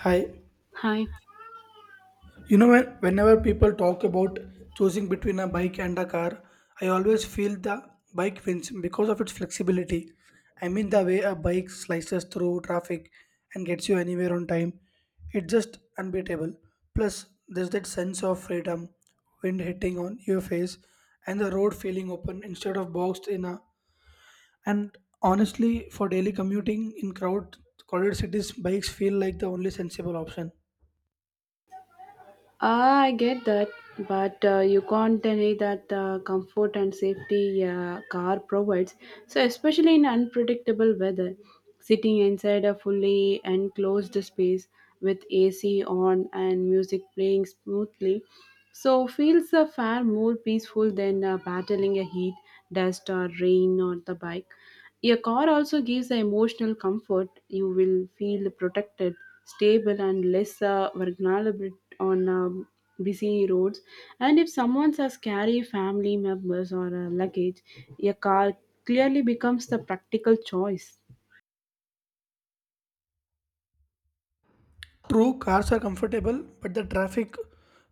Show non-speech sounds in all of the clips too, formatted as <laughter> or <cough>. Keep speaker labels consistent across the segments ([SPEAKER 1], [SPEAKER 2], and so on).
[SPEAKER 1] Hi.
[SPEAKER 2] Hi.
[SPEAKER 1] When, whenever people talk about choosing between a bike and a car, I always feel the bike wins because of its flexibility. I mean, the way a bike slices through traffic and gets you anywhere on time, it's just unbeatable. Plus, there's that sense of freedom, wind hitting on your face, and the road feeling open instead of boxed in a. And honestly, for daily commuting in crowded cities, bikes feel like the only sensible option.
[SPEAKER 2] Ah, I get that, but you can't deny that the comfort and safety a car provides. So, especially in unpredictable weather, sitting inside a fully enclosed space with AC on and music playing smoothly, so feels a far more peaceful than battling a heat, dust or rain or the bike. A car also gives the emotional comfort. You will feel protected, stable, and less vulnerable on busy roads. And if someone has carry family members or luggage, a car clearly becomes the practical choice.
[SPEAKER 1] True, cars are comfortable, but the traffic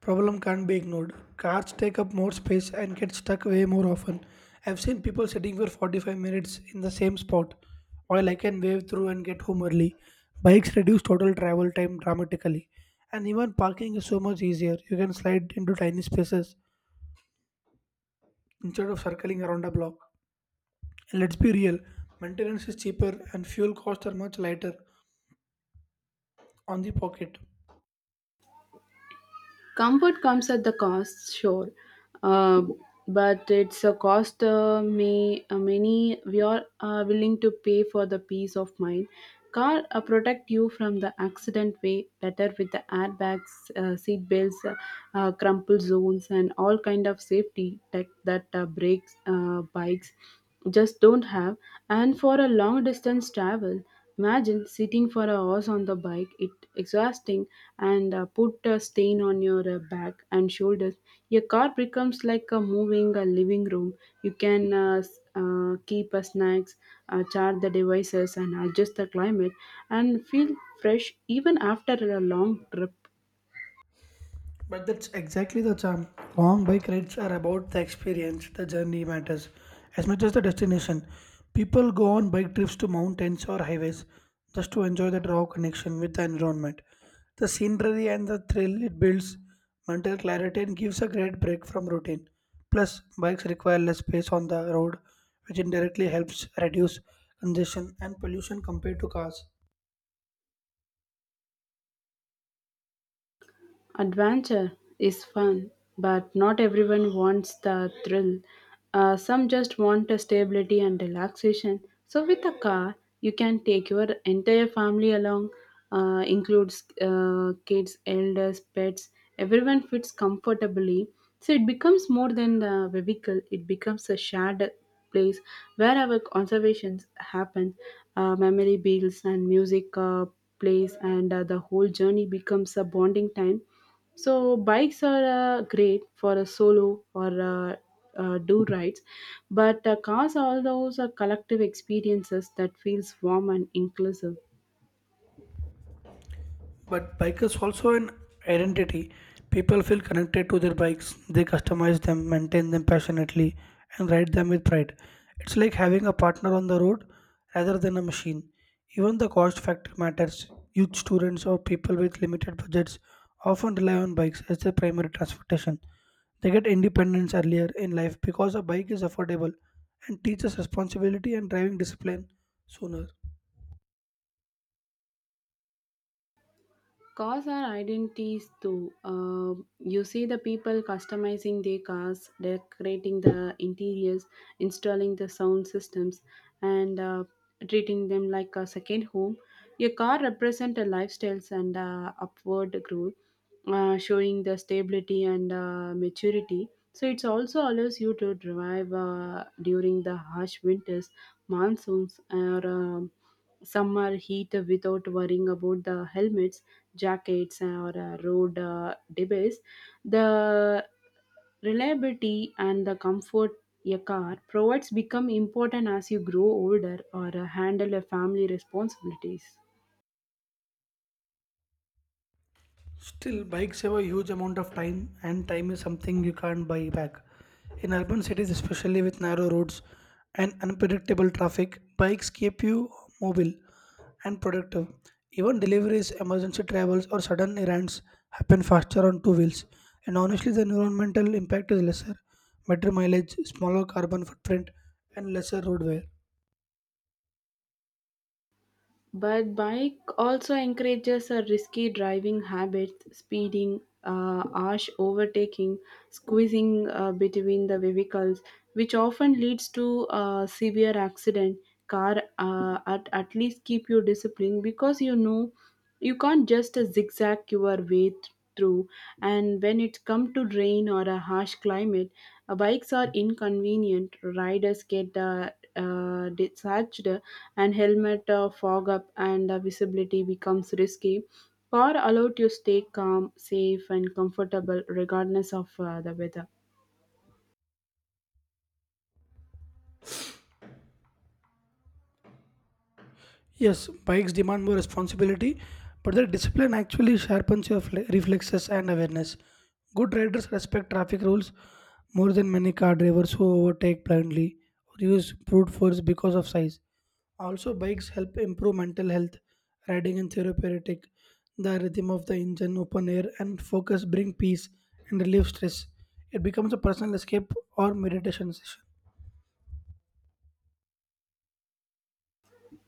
[SPEAKER 1] problem can't be ignored. Cars take up more space and get stuck way more often. I've seen people sitting for 45 minutes in the same spot, while I can wave through and get home early. Bikes reduce total travel time dramatically, and even parking is so much easier. You can slide into tiny spaces instead of circling around a block. And let's be real, maintenance is cheaper and fuel costs are much lighter on the pocket.
[SPEAKER 2] Comfort comes at the cost, sure, uh, but it's a cost may many we are willing to pay for the peace of mind. Car protect you from the accident way better with the airbags, seat belts, crumple zones, and all kind of safety tech that brakes bikes just don't have. And for a long distance travel. Imagine sitting for hours on the bike, it exhausting and put a stain on your back and shoulders. Your car becomes like a moving living room. You can keep snacks, charge the devices, and adjust the climate and feel fresh even after a long trip.
[SPEAKER 1] But that's exactly the charm. Long bike rides are about the experience, the journey matters as much as the destination. People go on bike trips to mountains or highways just to enjoy that raw connection with the environment. The scenery and the thrill it builds mental clarity and gives a great break from routine. Plus, bikes require less space on the road, which indirectly helps reduce congestion and pollution compared to cars.
[SPEAKER 2] Adventure is fun, but not everyone wants the thrill. Some just want the stability and relaxation. So, with a car, you can take your entire family along, includes kids, elders, pets. Everyone fits comfortably. So, it becomes more than a vehicle, it becomes a shared place wherever conservations happen, memory builds and music plays and the whole journey becomes a bonding time. So bikes are great for a solo or do rides, but cars are all those collective experiences that feels warm and inclusive.
[SPEAKER 1] But bike is also an identity. People feel connected to their bikes. They customize them, maintain them passionately, and ride them with pride. It's like having a partner on the road rather than a machine. Even the cost factor matters. Youth students or people with limited budgets often rely on bikes as their primary transportation. They get independence earlier in life because a bike is affordable and teaches responsibility and driving discipline sooner.
[SPEAKER 2] Cars are identities too. You see the people customizing their cars, decorating the interiors, installing the sound systems, and treating them like a second home. Your car represents a lifestyles and upward growth, showing the stability and maturity. So it also allows you to drive during the harsh winters, monsoons, or some are heat without worrying about the helmets, jackets, or road debris. The reliability and the comfort a car provides become important as you grow older or handle a family responsibilities.
[SPEAKER 1] Still, bikes have a huge amount of time, and time is something you can't buy back. In urban cities, especially with narrow roads and unpredictable traffic, bikes keep you mobile and productive. Even deliveries, emergency travels, or sudden errands happen faster on two wheels. And honestly, the environmental impact is lesser, better mileage, smaller carbon footprint, and lesser road wear.
[SPEAKER 2] But bike also encourages a risky driving habits, speeding, harsh overtaking, squeezing between the vehicles, which often leads to a severe accident. Car at least keep you disciplined because you know you can't just zigzag your way through. And when it comes to rain or a harsh climate, bikes are inconvenient. Riders get discharged, and helmet fog up, and visibility becomes risky. Car allowed you stay calm, safe, and comfortable regardless of the weather.
[SPEAKER 1] Yes, bikes demand more responsibility, but their discipline actually sharpens your reflexes and awareness. Good riders respect traffic rules more than many car drivers who overtake blindly or use brute force because of size. Also, bikes help improve mental health. Riding in therapeutic, the rhythm of the engine, open air, and focus bring peace and relieve stress. It becomes a personal escape or meditation session.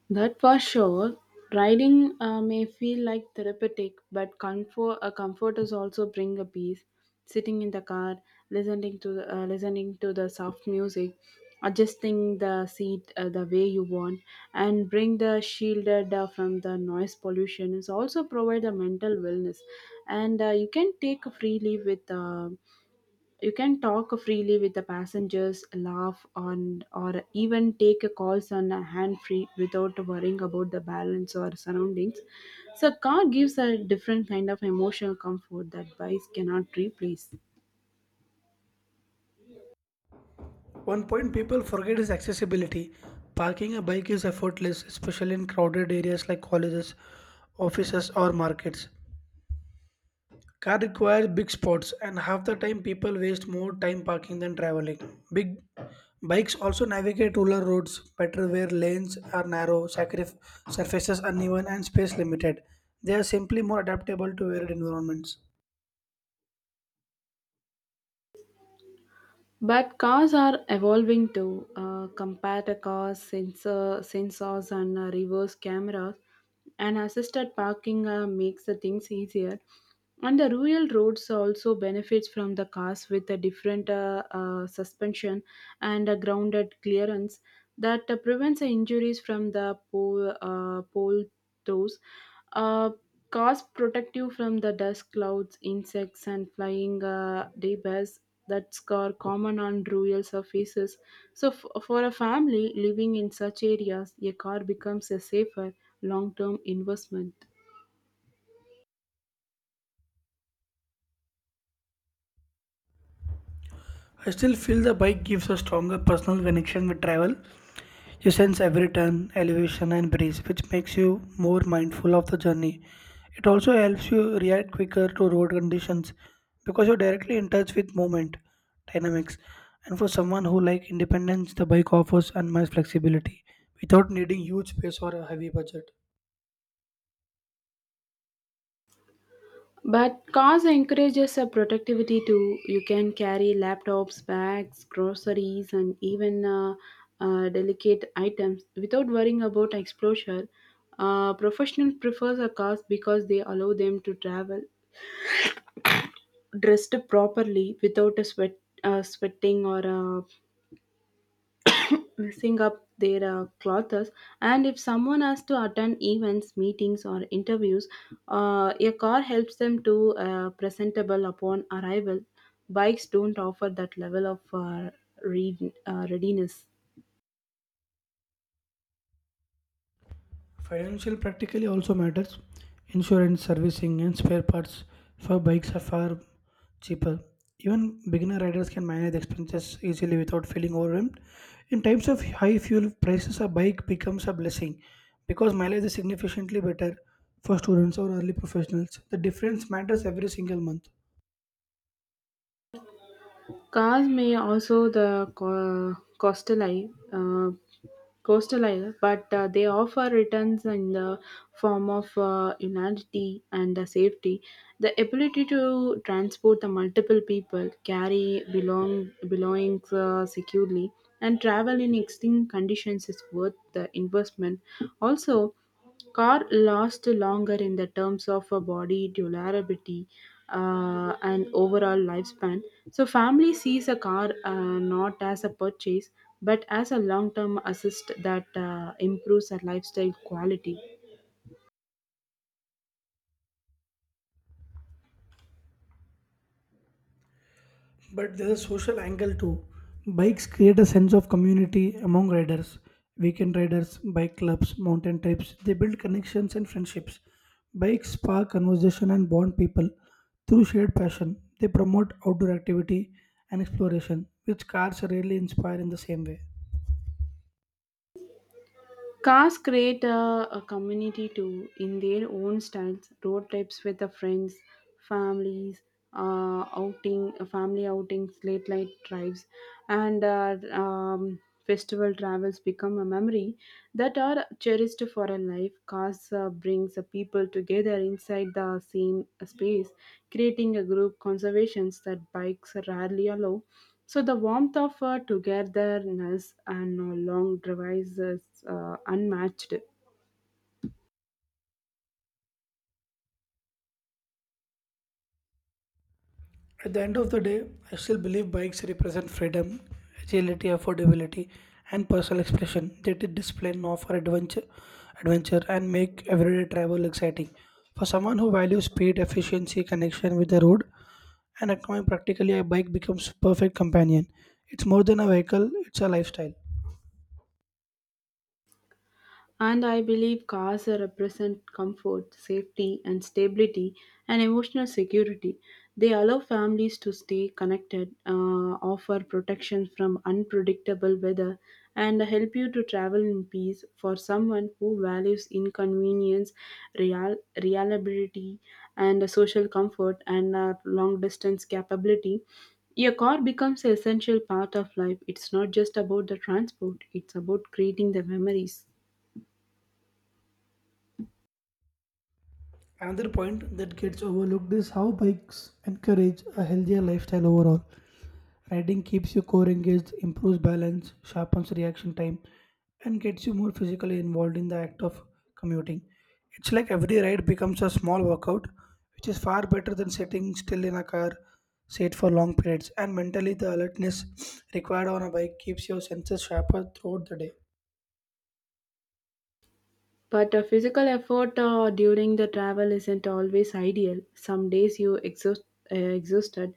[SPEAKER 2] That for sure. Riding may feel like therapeutic, but comfort is also bring a peace. Sitting in the car, listening listening to the soft music, adjusting the seat the way you want, and bring the shielded from the noise pollution is also provide a mental wellness, and you can take freely with. You can talk freely with the passengers, laugh on, or even take a calls on a hand free without worrying about the balance or surroundings. So, car gives a different kind of emotional comfort that bikes cannot replace.
[SPEAKER 1] One point people forget is accessibility. Parking a bike is effortless, especially in crowded areas like colleges, offices, or markets. Car requires big spots, and half the time people waste more time parking than traveling. Big bikes also navigate rural roads better where lanes are narrow, surfaces uneven, and space limited. They are simply more adaptable to varied environments.
[SPEAKER 2] But cars are evolving too. Compactor cars, sensors, and reverse cameras, and assisted parking makes the things easier. And the rural roads also benefits from the cars with a different suspension and a grounded clearance that prevents the injuries from the pole. Those, uh, cause protect you from the dust clouds, insects, and flying debris that are common on rural surfaces. So for a family living in such areas, a car becomes a safer long-term investment.
[SPEAKER 1] I still feel the bike gives a stronger personal connection with travel. You sense every turn, elevation, and breeze, which makes you more mindful of the journey. It also helps you react quicker to road conditions because you're directly in touch with movement dynamics. And for someone who likes independence, the bike offers unmatched flexibility without needing huge space or a heavy budget.
[SPEAKER 2] But cause encourages a productivity too. You can carry laptops, bags, groceries, and even delicate items without worrying about exposure. Professionals prefers a cause because they allow them to travel dressed properly without a sweating or messing up their clothes. And if someone has to attend events, meetings, or interviews, a car helps them to presentable upon arrival. Bikes don't offer that level of readiness.
[SPEAKER 1] Financial practically also matters. Insurance, servicing, and spare parts for bikes are far cheaper. Even beginner riders can manage expenses easily without feeling overwhelmed. In times of high fuel prices, a bike becomes a blessing because mileage is significantly better for students or early professionals. The difference matters every single month.
[SPEAKER 2] Cars may also the coastal eye, but they offer returns in the form of unity and safety. The ability to transport the multiple people, carry belongings securely, and travel in extreme conditions is worth the investment. Also. Car lasts longer in the terms of a body durability and overall lifespan. So, family sees a car not as a purchase but as a long term assist that improves their lifestyle quality.
[SPEAKER 1] But there's a social angle too. Bikes create a sense of community among riders. Weekend riders, bike clubs, mountain trips, they build connections and friendships. Bikes spark conversation and bond people through shared passion. They promote outdoor activity and exploration, which cars rarely inspire in the same way.
[SPEAKER 2] Cars create a community too in their own styles. Road trips with the friends, families, family outings, late night drives, and festival travels become a memory that are cherished for a life. Cars brings the people together inside the same space, creating a group conservations that bikes rarely allow. So the warmth of our togetherness and our long drives is unmatched.
[SPEAKER 1] At the end of the day, I still believe bikes represent freedom, agility, affordability, and personal expression. They did display and offer adventure, and make everyday travel exciting. For someone who values speed, efficiency, connection with the road, and economy, practically a bike becomes perfect companion. It's more than a vehicle; it's a lifestyle.
[SPEAKER 2] And I believe cars represent comfort, safety, and stability and emotional security. They allow families to stay connected, offer protection from unpredictable weather, and help you to travel in peace. For someone who values inconvenience, real- reliability, and social comfort, and long distance capability, a car becomes an essential part of life. It's not just about the transport, it's about creating the memories.
[SPEAKER 1] Another point that gets overlooked is how bikes encourage a healthier lifestyle overall. Riding keeps your core engaged, improves balance, sharpens reaction time, and gets you more physically involved in the act of commuting. It's like every ride becomes a small workout, which is far better than sitting still in a car, sit for long periods. And mentally, the alertness <sniffs> required on a bike keeps your senses sharper throughout the day.
[SPEAKER 2] But a physical effort during the travel isn't always ideal. Some days you exhausted,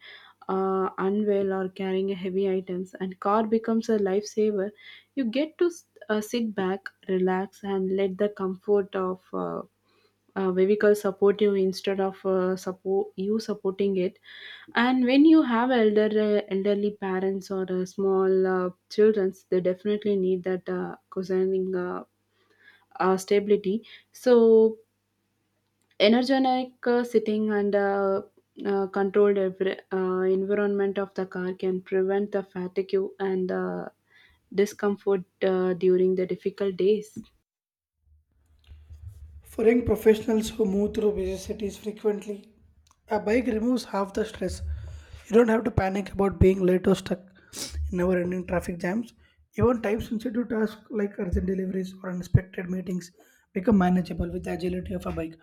[SPEAKER 2] unwell, or carrying heavy items, and car becomes a lifesaver. You get to sit back, relax, and let the comfort of vehicle support you instead of supporting it. And when you have elderly parents or small children, they definitely need that cozying stability. So energetic sitting and controlled environment of the car can prevent the fatigue and discomfort during the difficult days.
[SPEAKER 1] For young professionals who move through busy cities frequently, a bike removes half the stress. You don't have to panic about being late or stuck in never ending traffic jams. Even time sensitive tasks like urgent deliveries or unexpected meetings become manageable with the agility of a bike.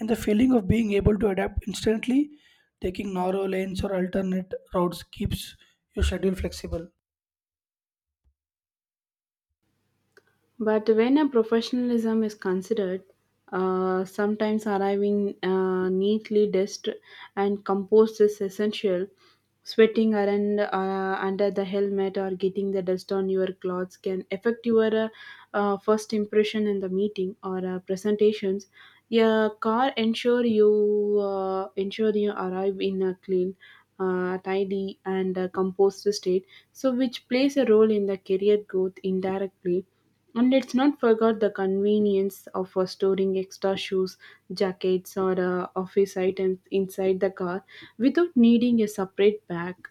[SPEAKER 1] And the feeling of being able to adapt instantly, taking narrow lanes or alternate routes, keeps your schedule flexible.
[SPEAKER 2] But when a professionalism is considered, sometimes arriving neatly dressed and composed is essential. Sweating around under the helmet or getting the dust on your clothes can affect your first impression in the meeting or presentations. Your car ensure you arrive in a clean, tidy, and composed state. So, which plays a role in the career growth indirectly. And let's not forget the convenience of storing extra shoes, jackets, or office items inside the car without needing a separate bag.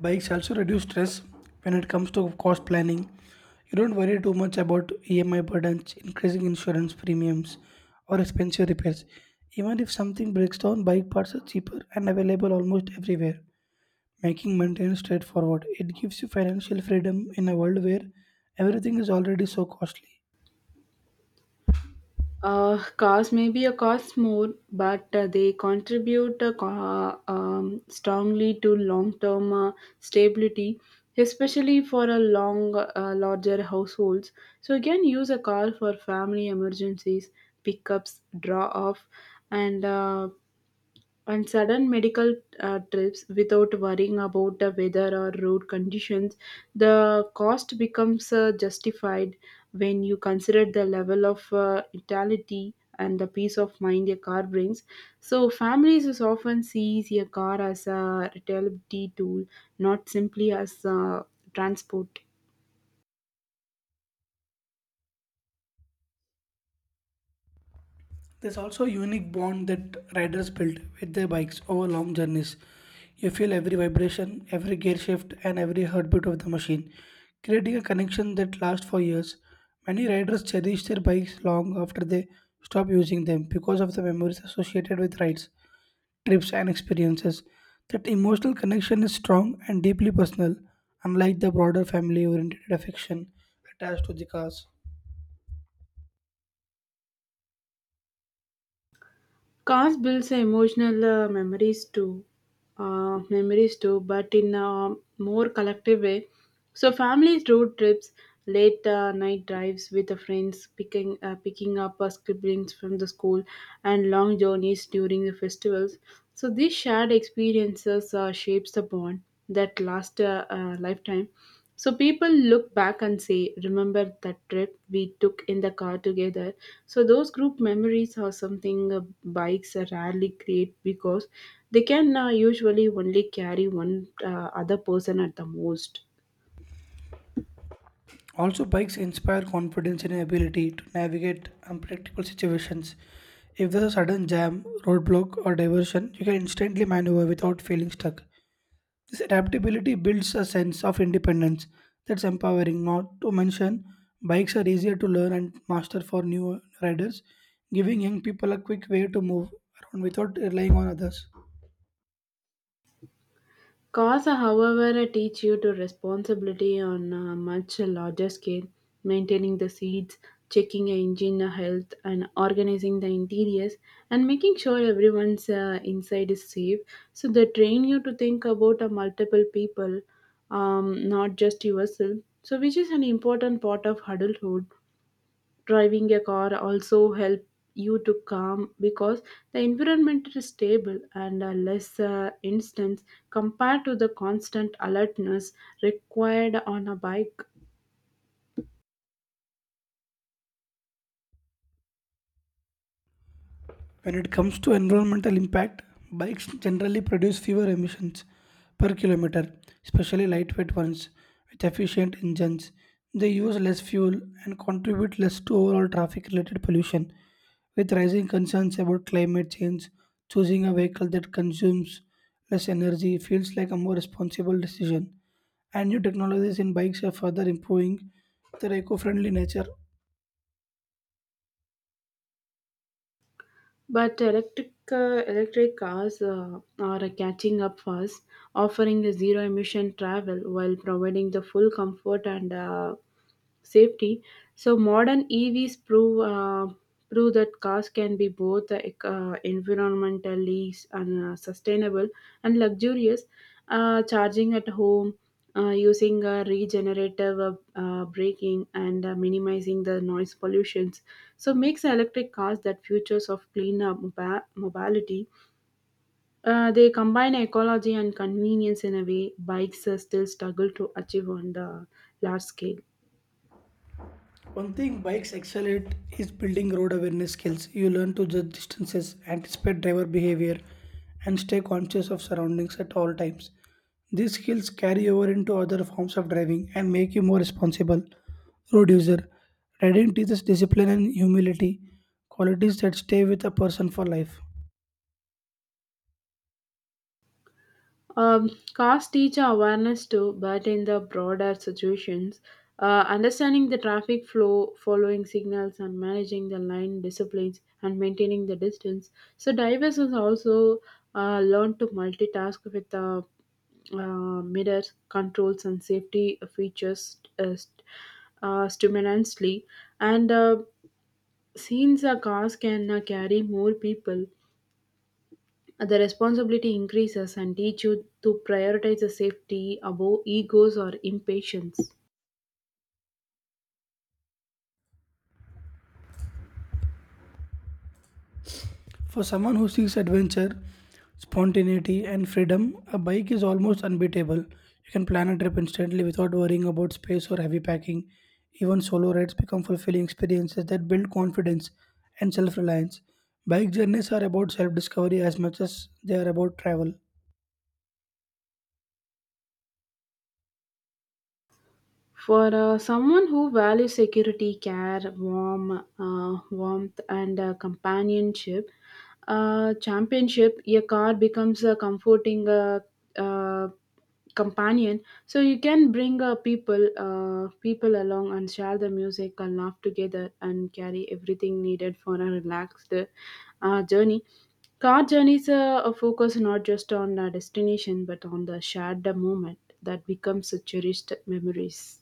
[SPEAKER 1] Bikes also reduce stress when it comes to cost planning. You don't worry too much about EMI burdens, increasing insurance premiums, or expensive repairs. Even if something breaks down, bike parts are cheaper and available almost everywhere, making maintenance straightforward. It gives you financial freedom in a world where everything is already so costly.
[SPEAKER 2] Cars may be a cost more, but they contribute strongly to long-term stability, especially for a larger households. So you can use a car for family emergencies, pickups, draw-off, and uh, and sudden medical trips without worrying about the weather or road conditions. The cost becomes justified when you consider the level of utility and the peace of mind a car brings. So, families is often sees a car as a reliability tool, not simply as transport.
[SPEAKER 1] There's also a unique bond that riders build with their bikes over long journeys. You feel every vibration, every gear shift, and every heartbeat of the machine, creating a connection that lasts for years. Many riders cherish their bikes long after they stop using them because of the memories associated with rides, trips, and experiences. That emotional connection is strong and deeply personal, unlike the broader family oriented affection attached to the cars.
[SPEAKER 2] Cars builds emotional memories too, but in a more collective way. So families road trips, late night drives with the friends, picking up siblings from the school, and long journeys during the festivals. So these shared experiences shapes the bond that last a lifetime. So people look back and say, "Remember that trip we took in the car together?" So those group memories are something bikes rarely create because they can usually only carry one other person at the most.
[SPEAKER 1] Also, bikes inspire confidence in your ability to navigate unpredictable situations. If there's a sudden jam, roadblock, or diversion, you can instantly maneuver without feeling stuck. This adaptability builds a sense of independence that's empowering. Not to mention, bikes are easier to learn and master for new riders, giving young people a quick way to move around without relying on others.
[SPEAKER 2] Cars, however, teach you to responsibility on a much larger scale, maintaining the seats, checking your engine health, and organizing the interiors, and making sure everyone's inside is safe. So they train you to think about multiple people, not just yourself. So which is an important part of adulthood. Driving a car also help you to calm because the environment is stable and less instance compared to the constant alertness required on a bike.
[SPEAKER 1] When it comes to environmental impact, bikes generally produce fewer emissions per kilometer, especially lightweight ones with efficient engines. They use less fuel and contribute less to overall traffic related pollution. With rising concerns about climate change, choosing a vehicle that consumes less energy feels like a more responsible decision. And new technologies in bikes are further improving their eco friendly nature.
[SPEAKER 2] But electric cars are catching up fast, offering the zero emission travel while providing the full comfort and safety. So modern EVs prove that cars can be both environmentally and sustainable and luxurious. Charging at home, using regenerative braking, and minimizing the noise pollutions. So makes electric cars that futures of cleaner mobility. They combine ecology and convenience in a way bikes still struggle to achieve on the large scale.
[SPEAKER 1] One thing bikes excel at is building road awareness skills. You learn to judge distances, anticipate driver behavior, and stay conscious of surroundings at all times. These skills carry over into other forms of driving and make you more responsible road user. Riding teaches discipline and humility, qualities that stay with a person for life.
[SPEAKER 2] Cars teach awareness too, but in the broader situations, understanding the traffic flow, following signals, and managing the line disciplines and maintaining the distance. So divers is also learn to multitask with the mirrors, controls, and safety features stimulantly. And since the cars can carry more people, the responsibility increases and teach you to prioritize the safety above egos or impatience.
[SPEAKER 1] For someone who seeks adventure, spontaneity, and freedom, a bike is almost unbeatable. You can plan a trip instantly without worrying about space or heavy packing. Even solo rides become fulfilling experiences that build confidence and self reliance. Bike journeys are about self discovery as much as they are about travel.
[SPEAKER 2] For someone who values security, care, warmth, and companionship, championship, a car becomes a comforting uh, companion. So you can bring people along and share the music and laugh together and carry everything needed for a relaxed journey. Car journeys are focused not just on the destination but on the shared moment that becomes a cherished memories.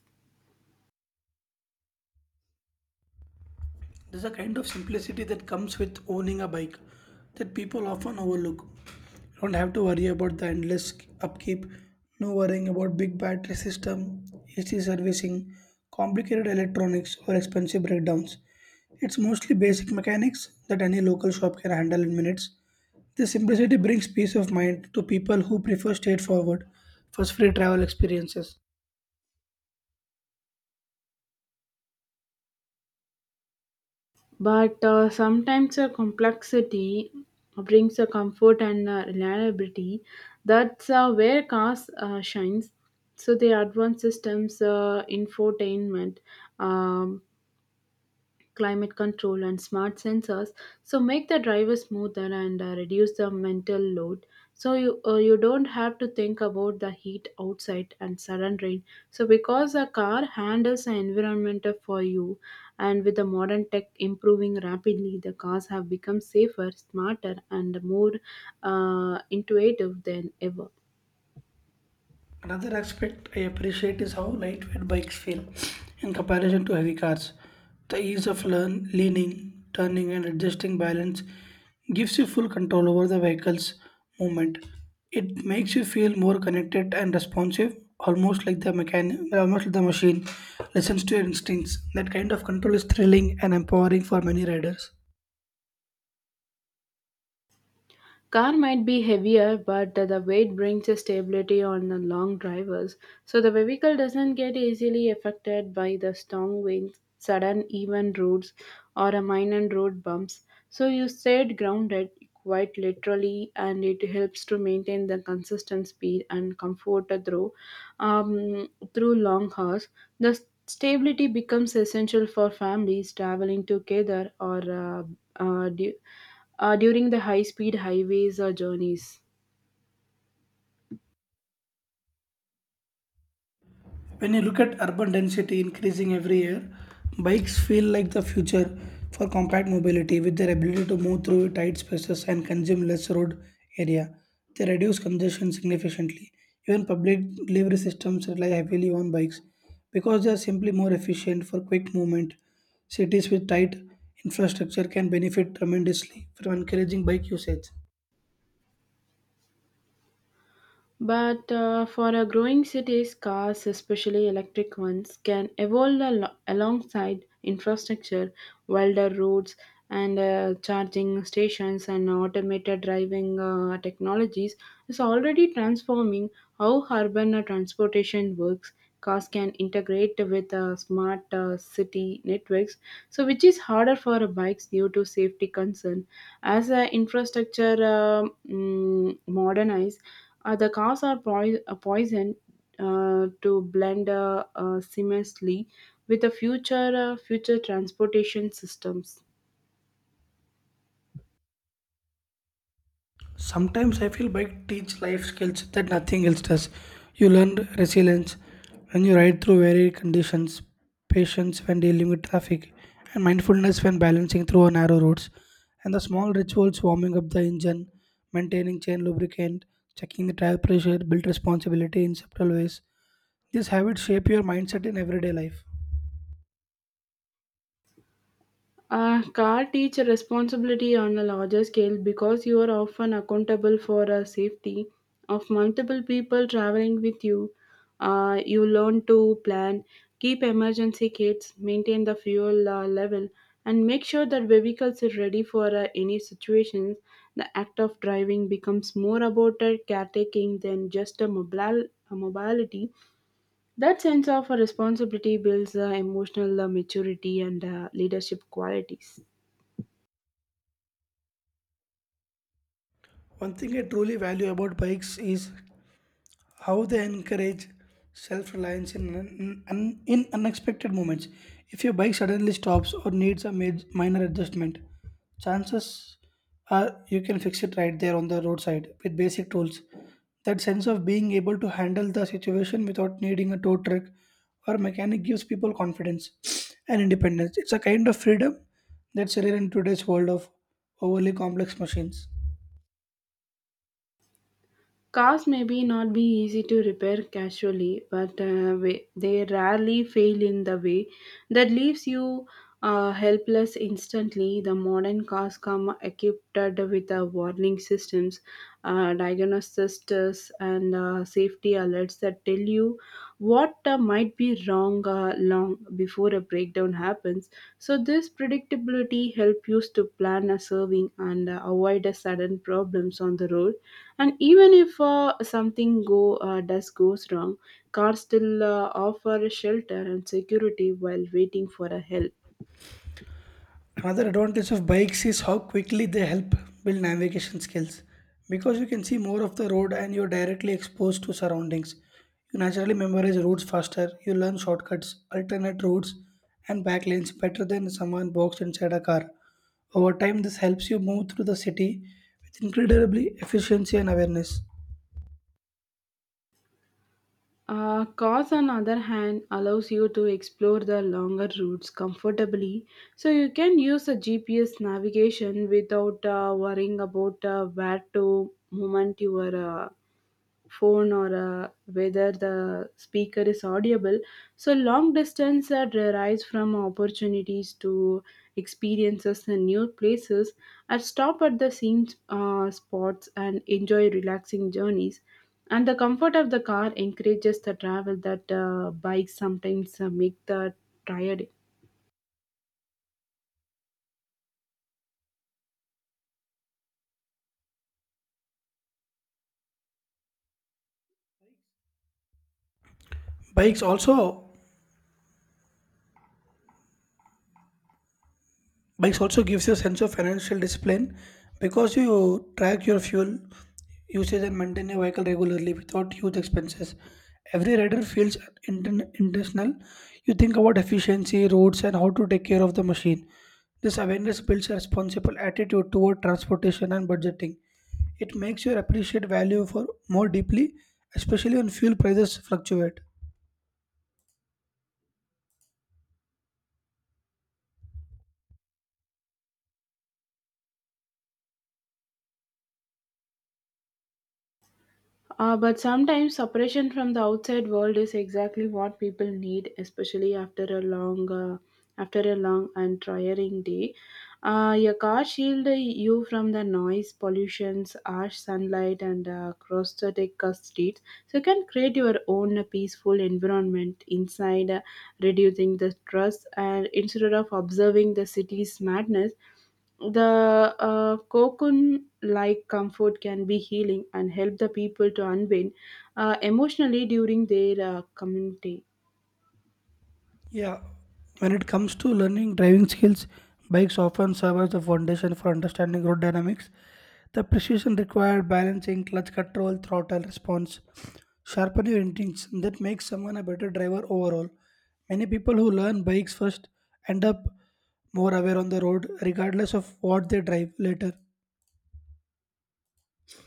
[SPEAKER 1] There's a kind of simplicity that comes with owning a bike that people often overlook. You don't have to worry about the endless upkeep, no worrying about big battery system, AC servicing, complicated electronics, or expensive breakdowns. It's mostly basic mechanics that any local shop can handle in minutes. This simplicity brings peace of mind to people who prefer straightforward, fuss free travel experiences.
[SPEAKER 2] But sometimes a complexity brings a comfort and reliability. That's where cars shines. So the advanced systems, infotainment, um, climate control, and smart sensors. So make the driver smoother and reduce the mental load. So you don't have to think about the heat outside and sudden rain. So because a car handles the environment for you, and with the modern tech improving rapidly, the cars have become safer, smarter, and more intuitive than ever.
[SPEAKER 1] Another aspect I appreciate is how lightweight bikes feel in comparison to heavy cars. The ease of leaning, turning, and adjusting balance gives you full control over the vehicle's movement. It makes you feel more connected and responsive, almost like the machine listens to your instincts. That kind of control is thrilling and empowering for many riders.
[SPEAKER 2] Car might be heavier, but the weight brings a stability on the long drivers, so the vehicle doesn't get easily affected by the strong winds, sudden even roads, or a minor road bumps. So you stayed grounded quite literally, and it helps to maintain the consistent speed and comfort through um, through long hours. The stability becomes essential for families traveling together or uh, du- during the high speed highways journeys.
[SPEAKER 1] When you look at urban density increasing every year, bikes feel like the future for compact mobility with their ability to move through tight spaces and consume less road area. They reduce congestion significantly. Even public delivery systems rely heavily on bikes because they are simply more efficient for quick movement. Cities with tight infrastructure can benefit tremendously from encouraging bike usage.
[SPEAKER 2] But for a growing cities, cars, especially electric ones, can evolve alongside infrastructure, wilder roads, and charging stations and automated driving technologies is already transforming how urban transportation works. Cars can integrate with smart city networks, so which is harder for bikes due to safety concern. As infrastructure modernize the cars are poisoned to blend seamlessly with the future transportation systems.
[SPEAKER 1] Sometimes I feel bike teach life skills that nothing else does. You learn resilience when you ride through varied conditions, patience when dealing with traffic, and mindfulness when balancing through narrow roads. And the small rituals warming up the engine, maintaining chain lubricant, checking the tire pressure build responsibility in subtle ways. These habits shape your mindset in everyday life.
[SPEAKER 2] Car teach responsibility on a larger scale because you are often accountable for the safety of multiple people traveling with you. You learn to plan, keep emergency kits, maintain the fuel level, and make sure that vehicles are ready for any situations. The act of driving becomes more about a caretaking than just a mobility. That sense of responsibility builds emotional maturity and leadership qualities.
[SPEAKER 1] One thing I truly value about bikes is how they encourage self-reliance in unexpected moments. If your bike suddenly stops or needs a minor adjustment, chances are you can fix it right there on the roadside with basic tools. That sense of being able to handle the situation without needing a tow truck or mechanic gives people confidence and independence. It's a kind of freedom that's rare in today's world of overly complex machines.
[SPEAKER 2] Cars may be not be easy to repair casually, but they rarely fail in the way that leaves you helpless instantly. The modern cars come equipped with warning systems, diagnostics, and safety alerts that tell you what might be wrong long before a breakdown happens. So this predictability helps you to plan a serving and avoid a sudden problems on the road. And even if something go does goes wrong, cars still offer shelter and security while waiting for a help.
[SPEAKER 1] Another advantage of bikes is how quickly they help build navigation skills. Because you can see more of the road and you're directly exposed to surroundings. You naturally memorize routes faster, you learn shortcuts, alternate routes, and back lanes better than someone boxed inside a car. Over time, this helps you move through the city with incredibly efficiency and awareness.
[SPEAKER 2] Cars, on the other hand, allows you to explore the longer routes comfortably, so you can use a GPS navigation without worrying about where to moment your phone or whether the speaker is audible. So, long distance that arise from opportunities to experiences in new places. I stop at the same spots and enjoy relaxing journeys. And the comfort of the car encourages the travel that bikes sometimes make the tired.
[SPEAKER 1] Bikes also Bikes also gives you a sense of financial discipline because you track your fuel usage and maintain your vehicle regularly without huge expenses. Every rider feels intentional. You think about efficiency, roads, and how to take care of the machine. This awareness builds a responsible attitude toward transportation and budgeting. It makes you appreciate value for more deeply, especially when fuel prices fluctuate.
[SPEAKER 2] But sometimes separation from the outside world is exactly what people need, especially after a after a long and tiring day. Your car shield you from the noise, pollutions, harsh sunlight, and cross-static streets, so you can create your own peaceful environment inside, reducing the stress. And instead of observing the city's madness, the cocoon like comfort can be healing and help the people to unwind emotionally during their community.
[SPEAKER 1] Yeah, when it comes to learning driving skills, bikes often serve as the foundation for understanding road dynamics. The precision required balancing clutch control, throttle response, sharpen your instincts and that makes someone a better driver overall. Many people who learn bikes first end up more aware on the road, regardless of what they drive later.